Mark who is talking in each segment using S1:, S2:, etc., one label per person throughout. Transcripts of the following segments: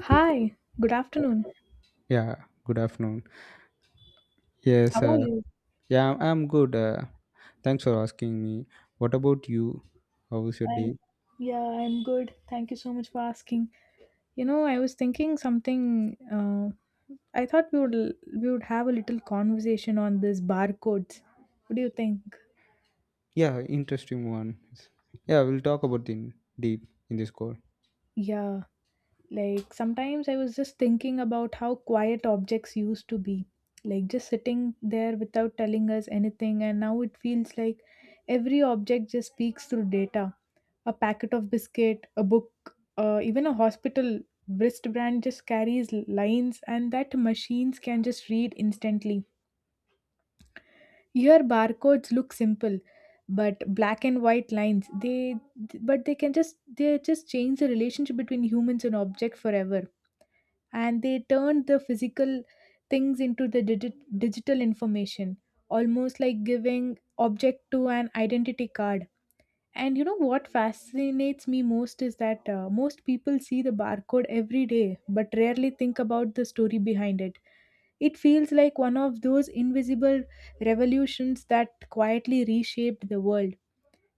S1: Hi, good afternoon.
S2: Yeah, good afternoon. Yes,
S1: How are you?
S2: yeah, I'm good. Thanks for asking me. What about you? How was your
S1: I'm,
S2: day?
S1: yeah, I'm good. Thank you so much for asking. You know, I was thinking something. I thought we would have a little conversation on this barcodes. What do you think?
S2: Yeah, interesting one. Yeah, we'll talk about in deep in this call.
S1: Yeah, like sometimes I was just thinking about how quiet objects used to be, like just sitting there without telling us anything, and now it feels like every object just speaks through data, a packet of biscuit, a book, even a hospital wristband just carries lines, and that machines can just read instantly. Here, barcodes look simple, but black and white lines they but they can just they just change the relationship between humans and object forever, and they turn the physical things into the digital information, almost like giving object to an identity card. And you know what fascinates me most is that most people see the barcode every day but rarely think about the story behind it. It feels like one of those invisible revolutions that quietly reshaped the world.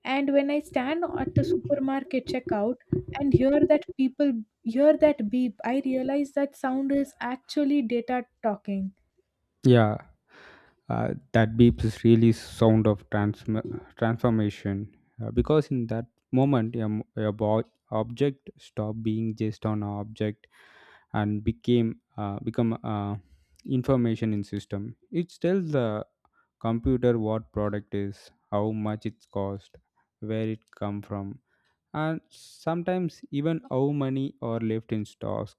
S1: And when I stand at the supermarket checkout and hear that beep, I realize that sound is actually data talking.
S2: Yeah. uh, that beep is really sound of transformation because in that moment your, m- your bo- object stopped being just an object and became become information in system. It tells the computer what product is, how much it's cost, where it come from, and sometimes even how money are left in stocks.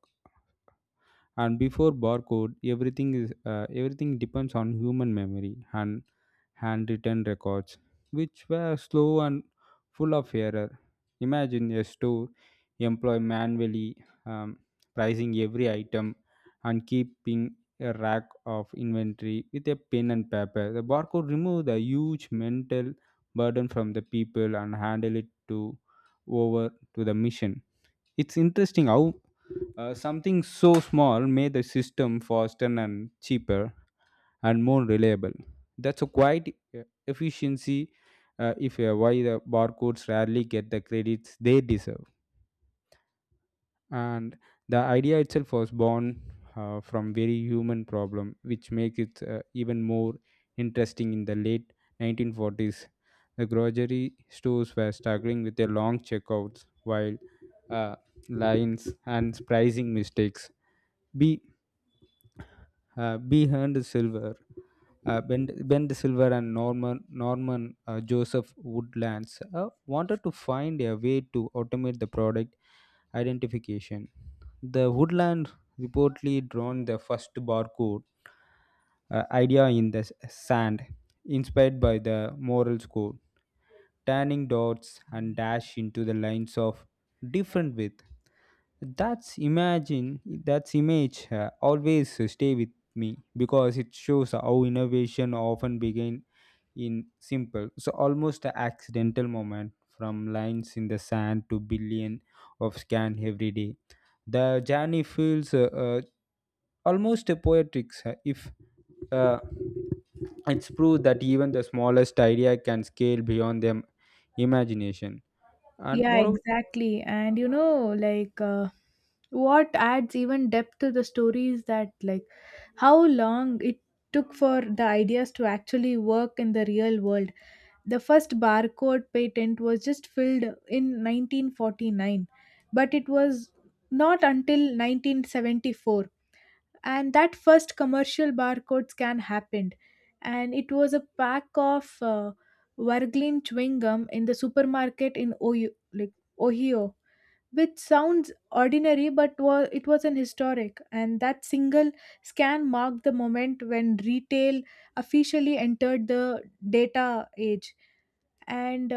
S2: And before barcode everything depends on human memory and handwritten records, which were slow and full of error. Imagine a store employee manually um, pricing every item and keeping a rack of inventory with a pen and paper. The barcode removed the huge mental burden from the people and handed it to over to the mission. It's interesting how something so small made the system faster and cheaper and more reliable. That's a quite efficiency if why the barcodes rarely get the credits they deserve. And the idea itself was born from very human problem, which makes it even more interesting in the late 1940s. The grocery stores were struggling with their long checkouts while uh, lines and pricing mistakes. Be uh, Behind Silver, Ben Bend Silver and Norman Joseph Woodlands wanted to find a way to automate the product identification. The Woodland reportedly drawn the first barcode idea in the sand, inspired by the Morse code, turning dots and dash into the lines of different width. That's image always stay with me because it shows how innovation often begin in simple, so almost a accidental moment, from lines in the sand to billion of scan every day. The journey feels almost a poetic, if uh, it's proved that even the smallest idea can scale beyond them imagination. And
S1: Yeah,
S2: moreover,
S1: exactly. And you know, what adds even depth to the story is that like how long it took for the ideas to actually work in the real world. The first barcode patent was just filled in 1949, but it was not until 1974 and that first commercial barcode scan happened, and it was a pack of Warglin chewing gum in the supermarket in Ohio, like Ohio, which sounds ordinary but was, it was an historic, and that single scan marked the moment when retail officially entered the data age. And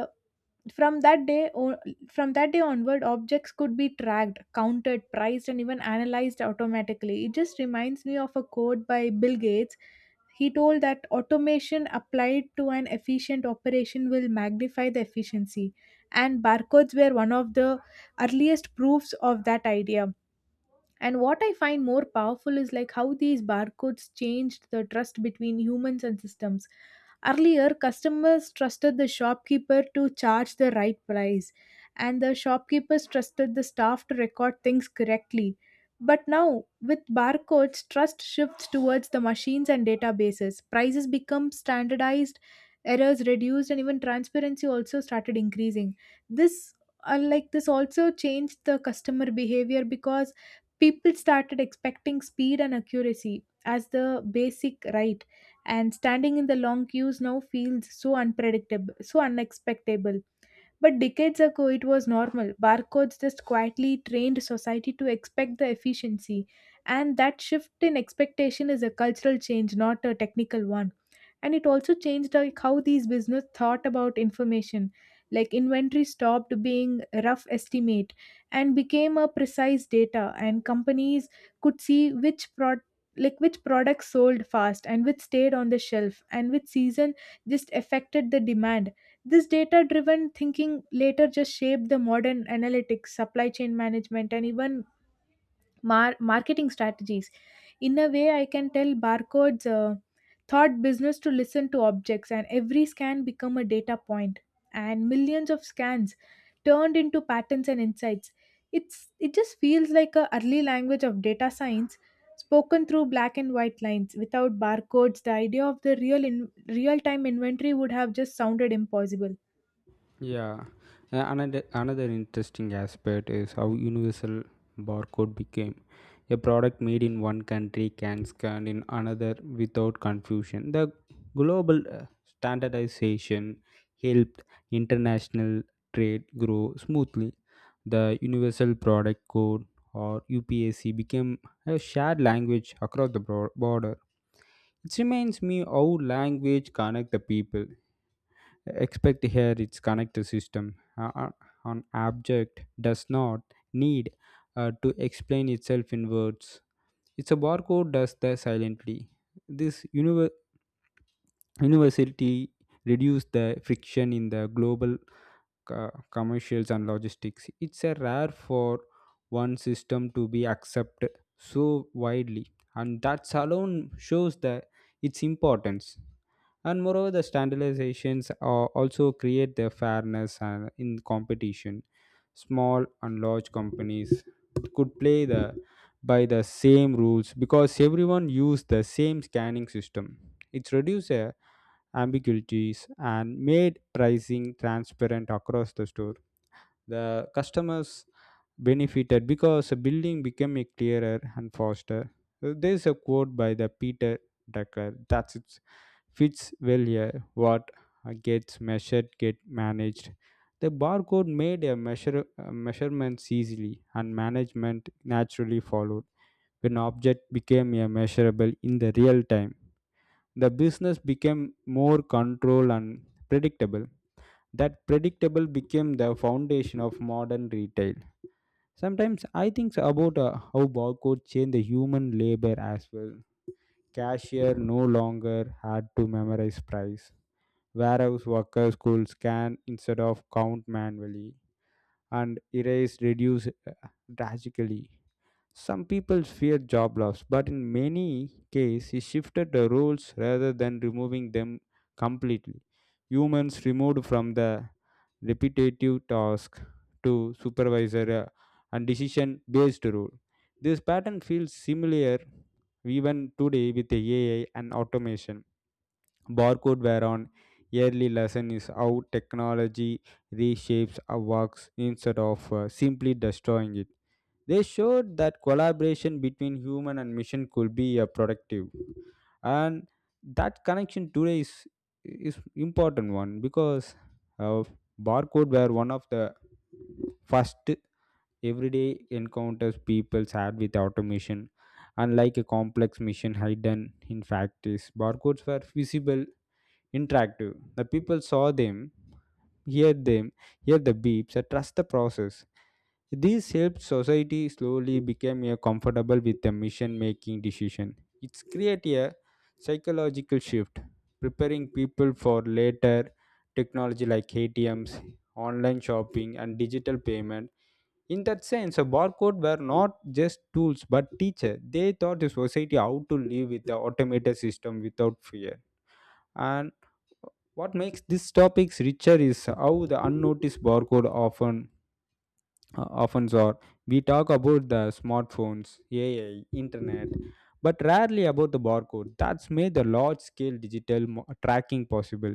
S1: from that day, o- from that day onward, objects could be tracked, counted, priced, and even analyzed automatically. It just reminds me of a quote by Bill Gates. He told that automation applied to an efficient operation will magnify the efficiency, and barcodes were one of the earliest proofs of that idea. And what I find more powerful is like how these barcodes changed the trust between humans and systems. Earlier, customers trusted the shopkeeper to charge the right price, and the shopkeepers trusted the staff to record things correctly. But now, with barcodes, trust shifts towards the machines and databases. Prices become standardized, errors reduced, and even transparency also started increasing. This, this also changed the customer behavior because people started expecting speed and accuracy as the basic right, and standing in the long queues now feels so unpredictable, so unexpectable, but decades ago it was normal. Barcodes just quietly trained society to expect the efficiency, and that shift in expectation is a cultural change, not a technical one. And it also changed like how these business thought about information, like inventory stopped being a rough estimate and became a precise data, and companies could see which products sold fast and which stayed on the shelf and which season just affected the demand. This data driven thinking later just shaped the modern analytics, supply chain management, and even marketing strategies. In a way, I can tell barcodes thought business to listen to objects, and every scan become a data point, and millions of scans turned into patterns and insights. It just feels like a early language of data science spoken through black and white lines. Without barcodes the idea of the real time inventory would have just sounded impossible.
S2: yeah. Another interesting aspect is how universal barcode became. A product made in one country can scan in another without confusion. The global standardization helped international trade grow smoothly. The universal product code or UPAC became a shared language across the border. It reminds me how language connect the people, expect here its connected system. Uh, uh, an object does not need to explain itself in words. It's a barcode does that silently. This universality reduces the friction in the global commercials and logistics. It's a rare for one system to be accepted so widely, and that alone shows the its importance. And moreover, the standardizations are also create the fairness and in competition. Small and large companies could play the by the same rules because everyone use the same scanning system. It's reduce a ambiguities and made pricing transparent across the store. The customers benefited because the building became a clearer and faster. There's a quote by the Peter Drucker that it fits well here. What gets measured get managed. The barcode made a measurements easily, and management naturally followed when object became a measurable in the real time. The business became more controlled and predictable. That predictable became the foundation of modern retail. Sometimes I think about how barcode changed the human labor as well. Cashier no longer had to memorize price. Warehouse workers could scan instead of count manually, and erase reduced drastically. Some people fear job loss, but in many cases, he shifted the roles rather than removing them completely. Humans removed from the repetitive task to supervisor and decision based role. This pattern feels similar even today with AI and automation. Barcode whereon yearly lesson is how technology reshapes our works instead of simply destroying it. They showed that collaboration between human and machine could be productive, and that connection today is important one, because uh, barcode were one of the first everyday encounters people had with automation, unlike a complex machine hidden in factories. Barcodes were visible interactive. The people saw them, hear them, hear the beeps and trust the process. This helped society slowly become a comfortable with the mission making decision. It's create a psychological shift, preparing people for later technology like ATMs, online shopping, and digital payment. In that sense, a barcode were not just tools but teacher. They taught the society how to live with the automated system without fear. And what makes these topics richer is how the unnoticed barcode often are. We talk about the smartphones, AI, internet, but rarely about the barcode that's made the large scale digital tracking possible.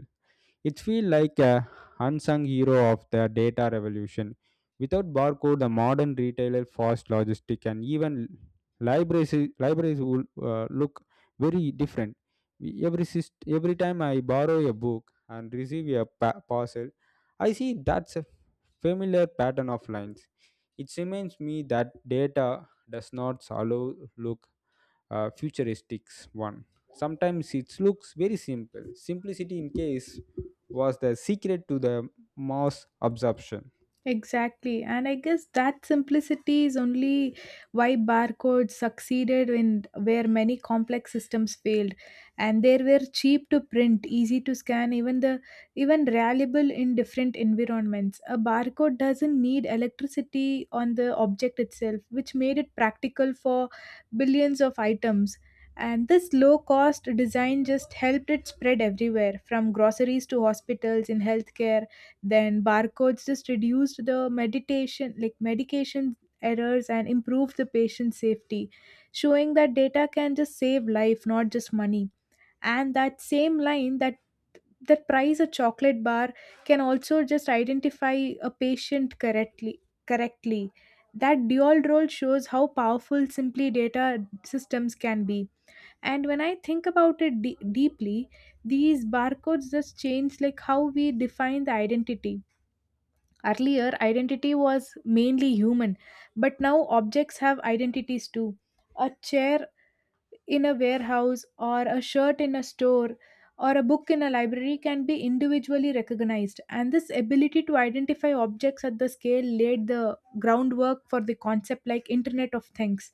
S2: It feels like a unsung hero of the data revolution. Without barcode, the modern retailer, fast logistic, and even libraries libraries would look very different. Every time I borrow a book and receive a parcel, I see that's a familiar pattern of lines. It reminds me that data does not allow look futuristic one. Sometimes it looks very simple. Simplicity, in case, was the secret to the mass absorption.
S1: Exactly. And I guess that simplicity is only why barcodes succeeded in where many complex systems failed. And they were cheap to print, easy to scan, even reliable in different environments. A barcode doesn't need electricity on the object itself, which made it practical for billions of items. And this low cost design just helped it spread everywhere, from groceries to hospitals. In healthcare then barcodes just reduced the meditation like medication errors and improved the patient safety, showing that data can just save life, not just money. And that same line that price a chocolate bar can also just identify a patient correctly. That dual role shows how powerful simply data systems can be. And when I think about it deeply, these barcodes just change like how we define the identity. Earlier, identity was mainly human, but now objects have identities too. A chair in a warehouse, or a shirt in a store, or a book in a library can be individually recognized, and this ability to identify objects at the scale laid the groundwork for the concept like Internet of Things.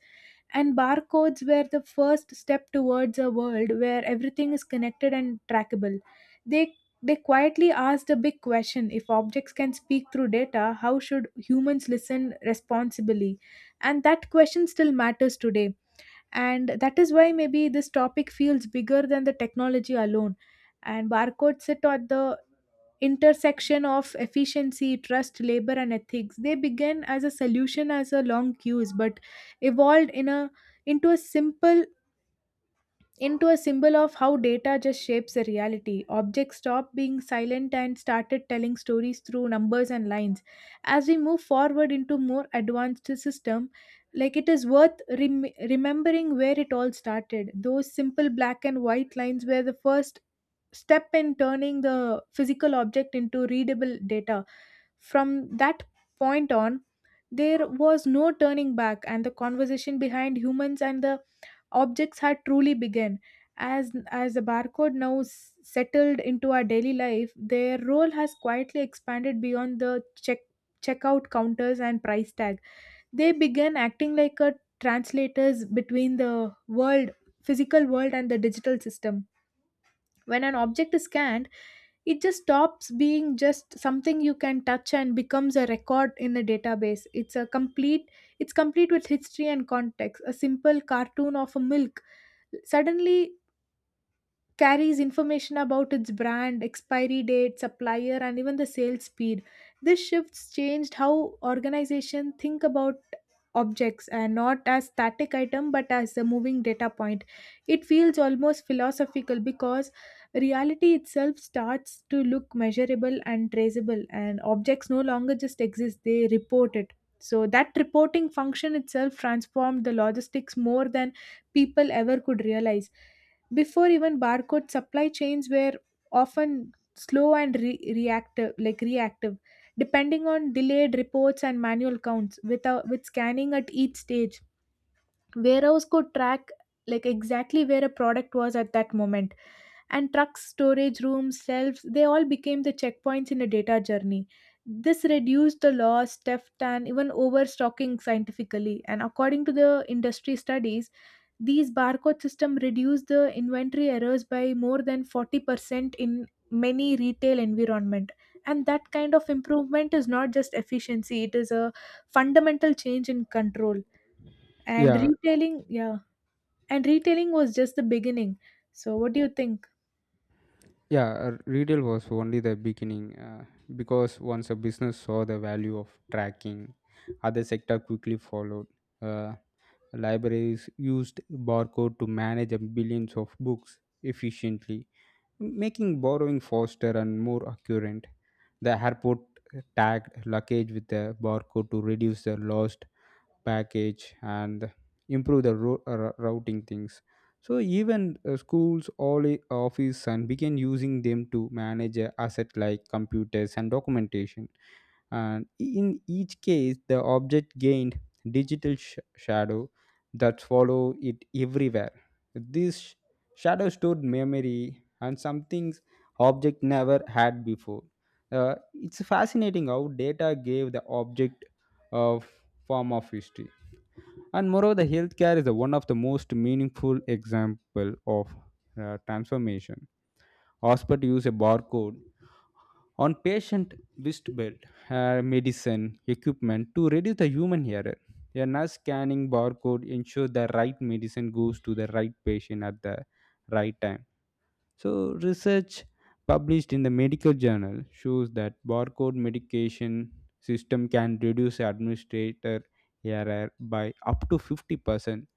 S1: And barcodes were the first step towards a world where everything is connected and trackable. They they quietly asked a big question: if objects can speak through data, how should humans listen responsibly? And that question still matters today. And that is why maybe this topic feels bigger than the technology alone. And barcodes sit at the intersection of efficiency, trust, labor, and ethics. They began as a solution as a long queues, but evolved in a into a simple into a symbol of how data just shapes the reality. Objects stopped being silent and started telling stories through numbers and lines. As we move forward into more advanced system, like it is worth remembering where it all started. Those simple black and white lines were the first step in turning the physical object into readable data. From that point on, there was no turning back, and the conversation behind humans and the objects had truly begun. As the barcode now settled into our daily life, their role has quietly expanded beyond the checkout counters and price tag. They began acting like a translators between the physical world and the digital system. When an object is scanned, it just stops being just something you can touch and becomes a record in a database. It's complete with history and context. A simple cartoon of a milk suddenly carries information about its brand, expiry date, supplier, and even the sales speed. This shifts changed how organizations think about objects, and not as static item but as a moving data point. It feels almost philosophical because reality itself starts to look measurable and traceable, and objects no longer just exist, they report it. So that reporting function itself transformed the logistics more than people ever could realize. Before even barcode, supply chains were often slow and reactive, depending on delayed reports and manual counts. With, a, with scanning at each stage, warehouse could track like exactly where a product was at that moment, and trucks, storage rooms, shelves, they all became the checkpoints in a data journey. This reduced the loss, theft, and even overstocking scientifically. And according to the industry studies, these barcode system reduce the inventory errors by more than 40% in many retail environment. And that kind of improvement is not just efficiency, it is a fundamental change in control. And
S2: Yeah,
S1: retailing, yeah, and retailing was just the beginning. So what do you think?
S2: yeah, retail was only the beginning, because once a business saw the value of tracking, other sector quickly followed. Uh, Libraries used barcode to manage a billions of books efficiently, making borrowing faster and more accurate. The airport tagged luggage with the barcode to reduce the lost package and improve the routing things. So even schools, office, and began using them to manage asset like computers and documentation. And in each case the object gained digital shadow that follow it everywhere. This shadow stored memory and some things object never had before. Uh, it's fascinating how data gave the object a form of history. And moreover, the healthcare is the one of the most meaningful example of transformation. Hospital use a barcode on patient wristband, medicine equipment, to reduce the human error. A nurse scanning barcode ensure the right medicine goes to the right patient at the right time. So research published in the medical journal shows that barcode medication system can reduce administrator error by up to 50%.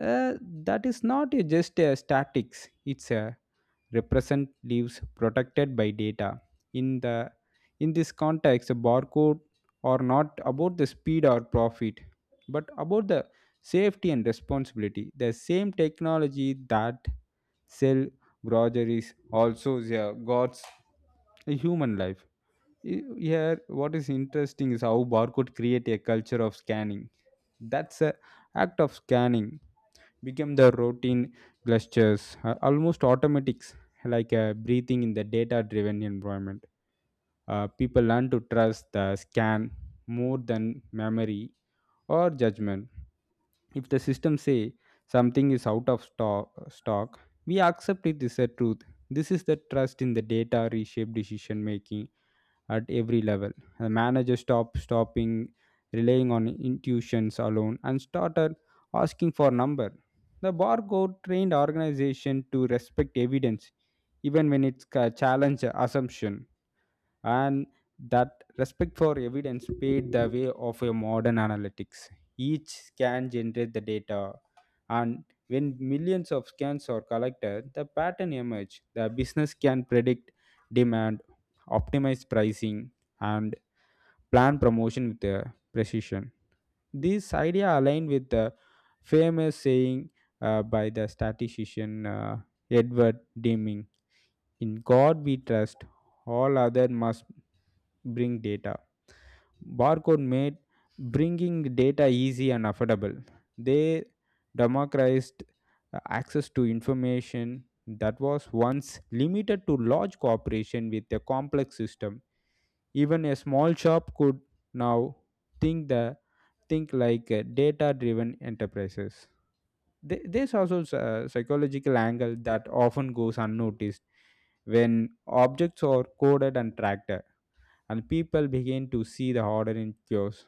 S2: Uh, that is not just a statics; it's a represent leaves protected by data. In the in this context, a barcode are not about the speed or profit, but about the safety and responsibility. The same technology that sell groceries also, yeah, guards a human life. Here, what is interesting is how barcode create a culture of scanning. That's a act of scanning become the routine gestures, almost automatics, like breathing in the data-driven environment. People learn to trust the scan more than memory or judgment. If the system say something is out of stock, we accept it is a truth. This is the trust in the data reshape decision making at every level. The manager stopped stopping relying on intuitions alone and started asking for number. The barcode trained organization to respect evidence even when it's challenge assumption. And that respect for evidence paved the way of a modern analytics. Each scan generates the data, and when millions of scans are collected, the pattern emerge. The business can predict demand, optimize pricing, and plan promotion with the precision. This idea aligned with the famous saying by the statistician Edward Deming: "In God we trust; all other must bring data." Barcode made bringing data easy and affordable. They democratized access to information that was once limited to large corporation with a complex system. Even a small shop could now think the think like data driven enterprises. There's also a psychological angle that often goes unnoticed when objects are coded and tracked, and people begin to see the order in chaos.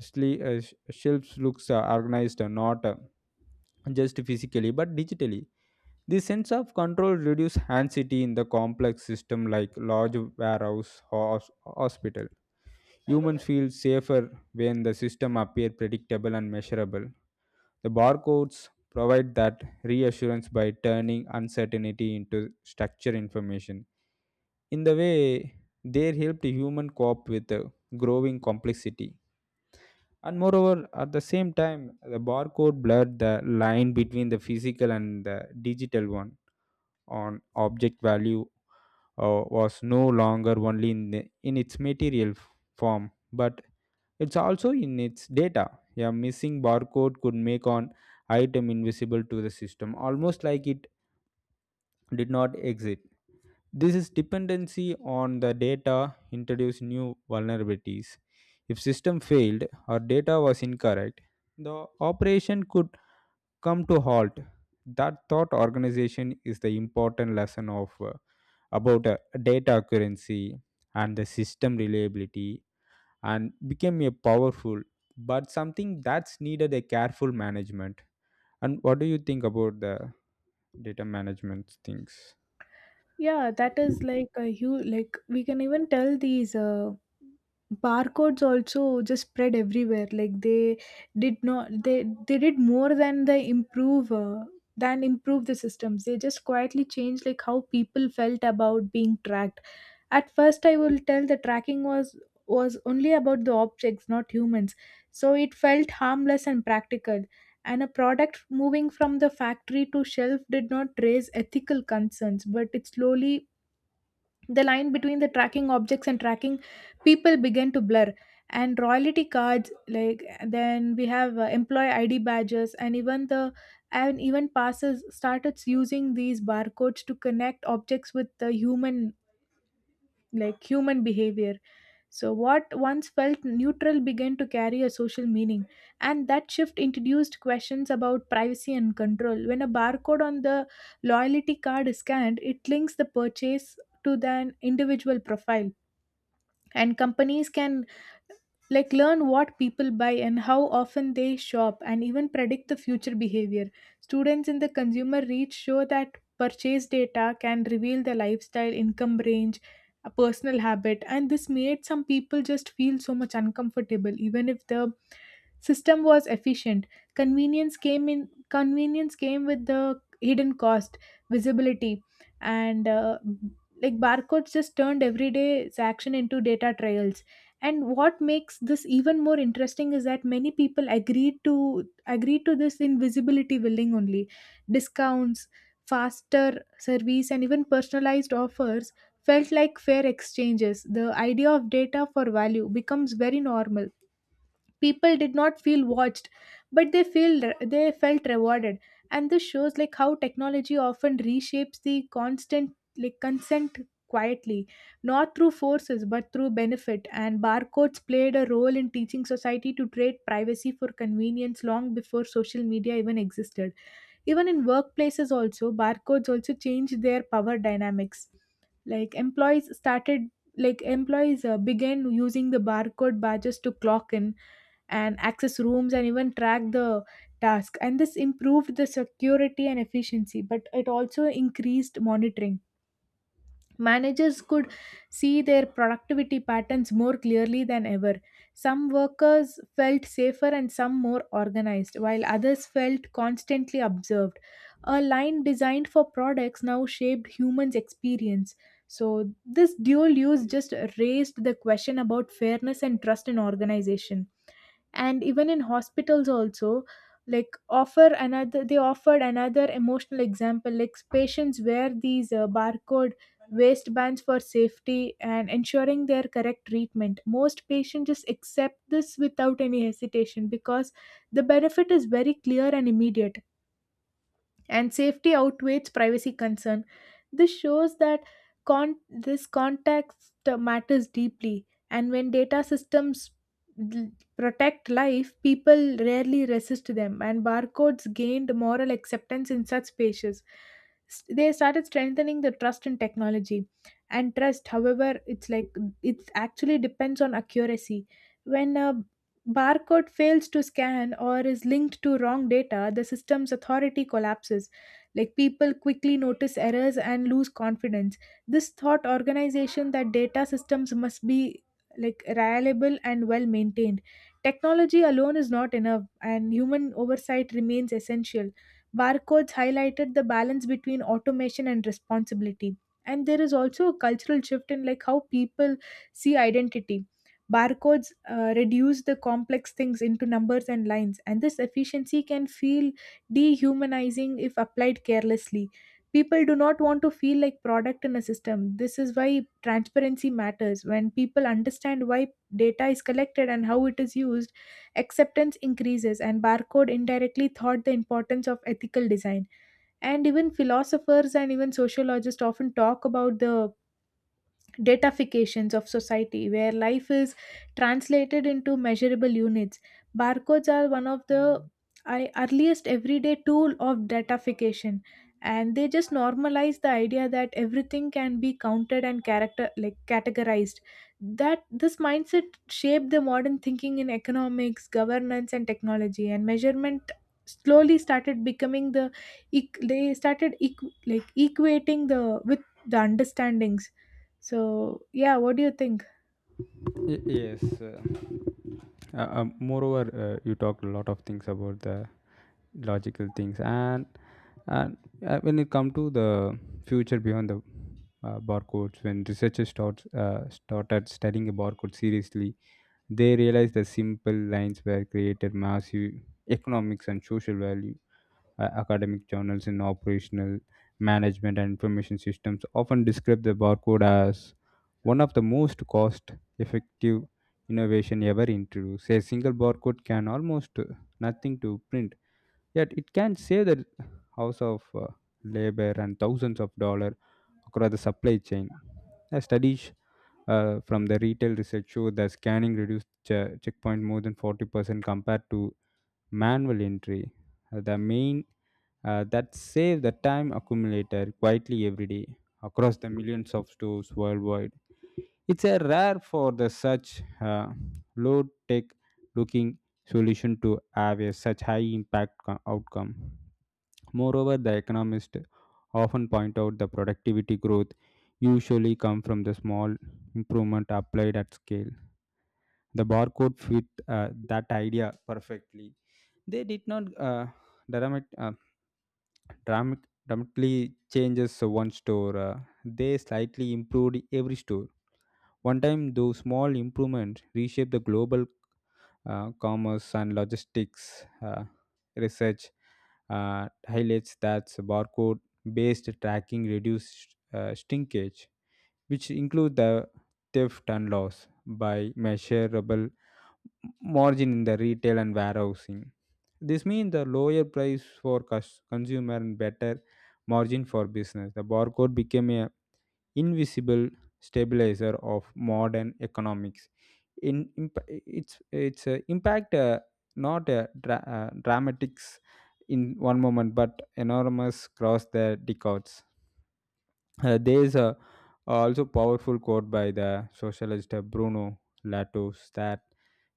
S2: Shelves looks organized, not just physically but digitally. This sense of control reduces anxiety in the complex system like large warehouse or hospital. Humans feel safer when the system appear predictable and measurable. The barcodes provide that reassurance by turning uncertainty into structure information. In the way, they helped human cope with the growing complexity. And moreover, at the same time, the barcode blurred the line between the physical and the digital one. On object value was no longer only in its material form, but it's also in its data. A missing barcode could make an item invisible to the system, almost like it did not exist. This is dependency on the data introduced new vulnerabilities. If system failed or data was incorrect, the operation could come to halt. That thought organization is the important lesson of about data accuracy and the system reliability, and became a powerful but something that's needed a careful management. And what do you think about the data management things?
S1: Yeah, that is like a huge, like we can even tell these barcodes also just spread everywhere. Like they did not, they did more than they improve than improve the systems. They just quietly changed like how people felt about being tracked. At first, I will tell the tracking was only about the objects, not humans. So it felt harmless and practical, and a product moving from the factory to shelf did not raise ethical concerns, but it slowly, the line between the tracking objects and tracking people began to blur. And royalty cards, like then we have employee id badges and even the and even passes started using these barcodes to connect objects with the human, like human behavior. So, what once felt neutral began to carry a social meaning, and that shift introduced questions about privacy and control. When a barcode on the loyalty card is scanned, it links the purchase to the individual profile, and companies can like learn what people buy and how often they shop and even predict the future behavior students in the consumer reach show that purchase data can reveal the lifestyle income range a personal habit, and this made some people just feel so much uncomfortable even if the system was efficient. Convenience came with the hidden cost, visibility. And Like barcodes just turned everyday's action into data trials, and what makes this even more interesting is that many people agreed to this invisibility billing only discounts, faster service, and even personalized offers felt like fair exchanges. The idea of data for value becomes very normal. People did not feel watched, but they felt rewarded, and this shows like how technology often reshapes the constant, like consent, quietly, not through forces but through benefit. And barcodes played a role in teaching society to trade privacy for convenience long before social media even existed. Even in workplaces also, barcodes also changed their power dynamics. like employees started like employees began using the barcode badges to clock in and access rooms and even track the task, and this improved the security and efficiency, but it also increased monitoring. Managers could see their productivity patterns more clearly than ever. Some workers felt safer and some more organized, while others felt constantly observed. A line designed for products now shaped humans experience, so this dual use just raised the question about fairness and trust in organization. And even in hospitals also, like offer another they offered another emotional example. Like patients wear these barcode waistbands for safety and ensuring their correct treatment. Most patients just accept this without any hesitation because the benefit is very clear and immediate, and safety outweighs privacy concern. This shows that this context matters deeply, and when data systems l- protect life, people rarely resist them, and barcodes gained moral acceptance in such spaces. They started strengthening the trust in technology, and trust, however, it's like it actually depends on accuracy. When a barcode fails to scan or is linked to wrong data, the system's authority collapses. Like people quickly notice errors and lose confidence. This thought organization that data systems must be like reliable and well maintained. Technology alone is not enough, and human oversight remains essential. Barcodes highlighted the balance between automation and responsibility. And there is also a cultural shift in like how people see identity. Barcodes reduce the complex things into numbers and lines, and this efficiency can feel dehumanizing if applied carelessly. People do not want to feel like product in a system. This is why transparency matters. When people understand why data is collected and how it is used, acceptance increases, and barcode indirectly thought the importance of ethical design. And even philosophers and even sociologists often talk about the datafications of society where life is translated into measurable units. Barcodes are one of the earliest everyday tool of datafication, and they just normalize the idea that everything can be counted and character like categorized. That this mindset shaped the modern thinking in economics governance and technology, and measurement slowly started becoming the like equating the with the understandings. So, yeah, what do you think?
S2: Yes. Moreover, you talked a lot of things about the logical things, and when it come to the future beyond the barcodes, when researchers started studying a barcode seriously, they realized the simple lines were created massive economics and social value. Academic journals in operational management and information systems often describe the barcode as one of the most cost effective innovation ever introduced. A single barcode can almost nothing to print, yet it can save the house of labor and thousands of dollars across the supply chain. A studies from the retail research show that scanning reduced checkpoint more than 40% compared to manual entry. The main that save the time accumulator quietly every day across the millions of stores worldwide. It's a rare for the such low tech looking solution to have a such high impact outcome. Moreover, the economists often point out the productivity growth usually come from the small improvement applied at scale. The barcode fit that idea perfectly. They did not dramatic, uh, dramatically changes one store. They slightly improved every store. One time, those small improvements reshaped the global commerce and logistics uh, research. Highlights that barcode-based tracking reduced shrinkage, which include the theft and loss by measurable margin in the retail and warehousing. This means the lower price for consumer and better margin for business. The barcode became a invisible stabilizer of modern economics. In, imp- its impact not a dramatics in one moment, but enormous across the decades. There is a also powerful quote by the socialist Bruno Latour that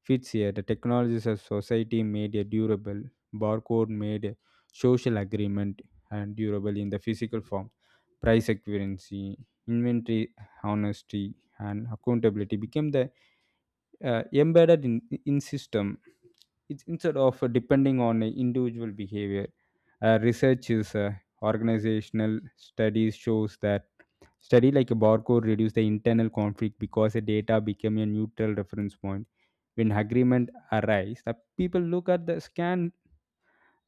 S2: fits here. The technologies of society made a durable, barcode made a social agreement and durable in the physical form. Price accuracy, inventory honesty, and accountability became the embedded in system. It's instead of depending on individual behavior. Research is organizational studies shows that study like a barcode reduced the internal conflict because the data became a neutral reference point. When agreement arise, the people look at the scan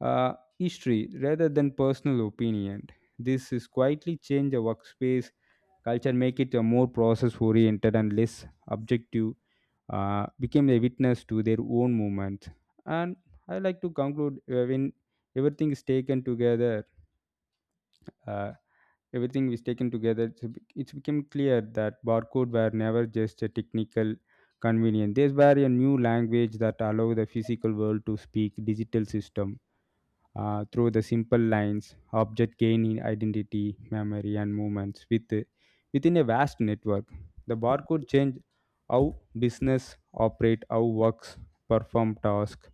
S2: uh, history rather than personal opinion. This is quietly change the workspace culture, make it a more process oriented and less objective. Became a witness to their own movement. And I like to conclude when everything is taken together. Uh, Everything was taken together. It's become clear that barcode were never just a technical convenience. These were a new language that allow the physical world to speak digital system through the simple lines. Object gain in identity memory and movements within a vast network. The barcode changed how business operate, how works perform tasks,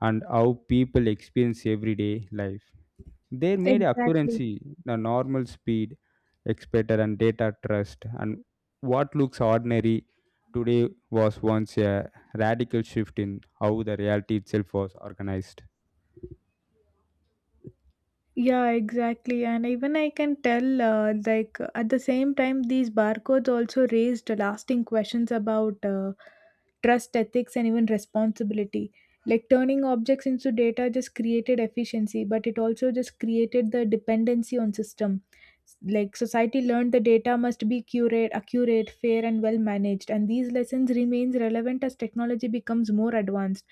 S2: and how people experience everyday life. They made
S1: Exactly.
S2: accuracy the normal speed expected and data trust, and what looks ordinary today was once a radical shift in how the reality itself was organized.
S1: Yeah, exactly. And even I can tell, like, at the same time, these barcodes also raised lasting questions about trust, ethics, and even responsibility. Like, turning objects into data just created efficiency, but it also just created the dependency on system. Like, society learned the data must be curate, accurate, fair, and well managed. And these lessons remains relevant as technology becomes more advanced,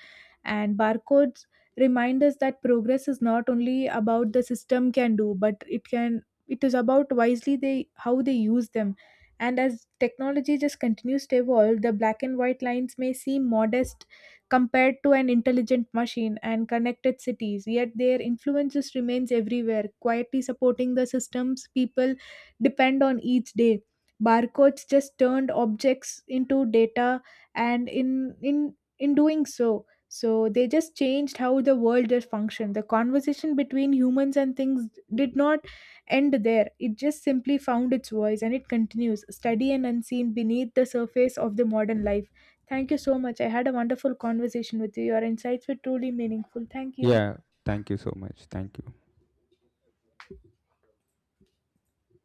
S1: and barcodes remind us that progress is not only about the system can do, but it is about wisely they how they use them. And as technology just continues to evolve, the black and white lines may seem modest compared to an intelligent machine and connected cities, yet their influence just remains everywhere, quietly supporting the systems people depend on each day. Barcodes just turned objects into data, and in doing so, they just changed how the world did function. The conversation between humans and things did not end there. It just simply found its voice, and it continues, steady and unseen beneath the surface of the modern life. Thank you so much. I had a wonderful conversation with you. Your insights were truly meaningful. Thank you.
S2: Yeah, thank you so much. Thank you.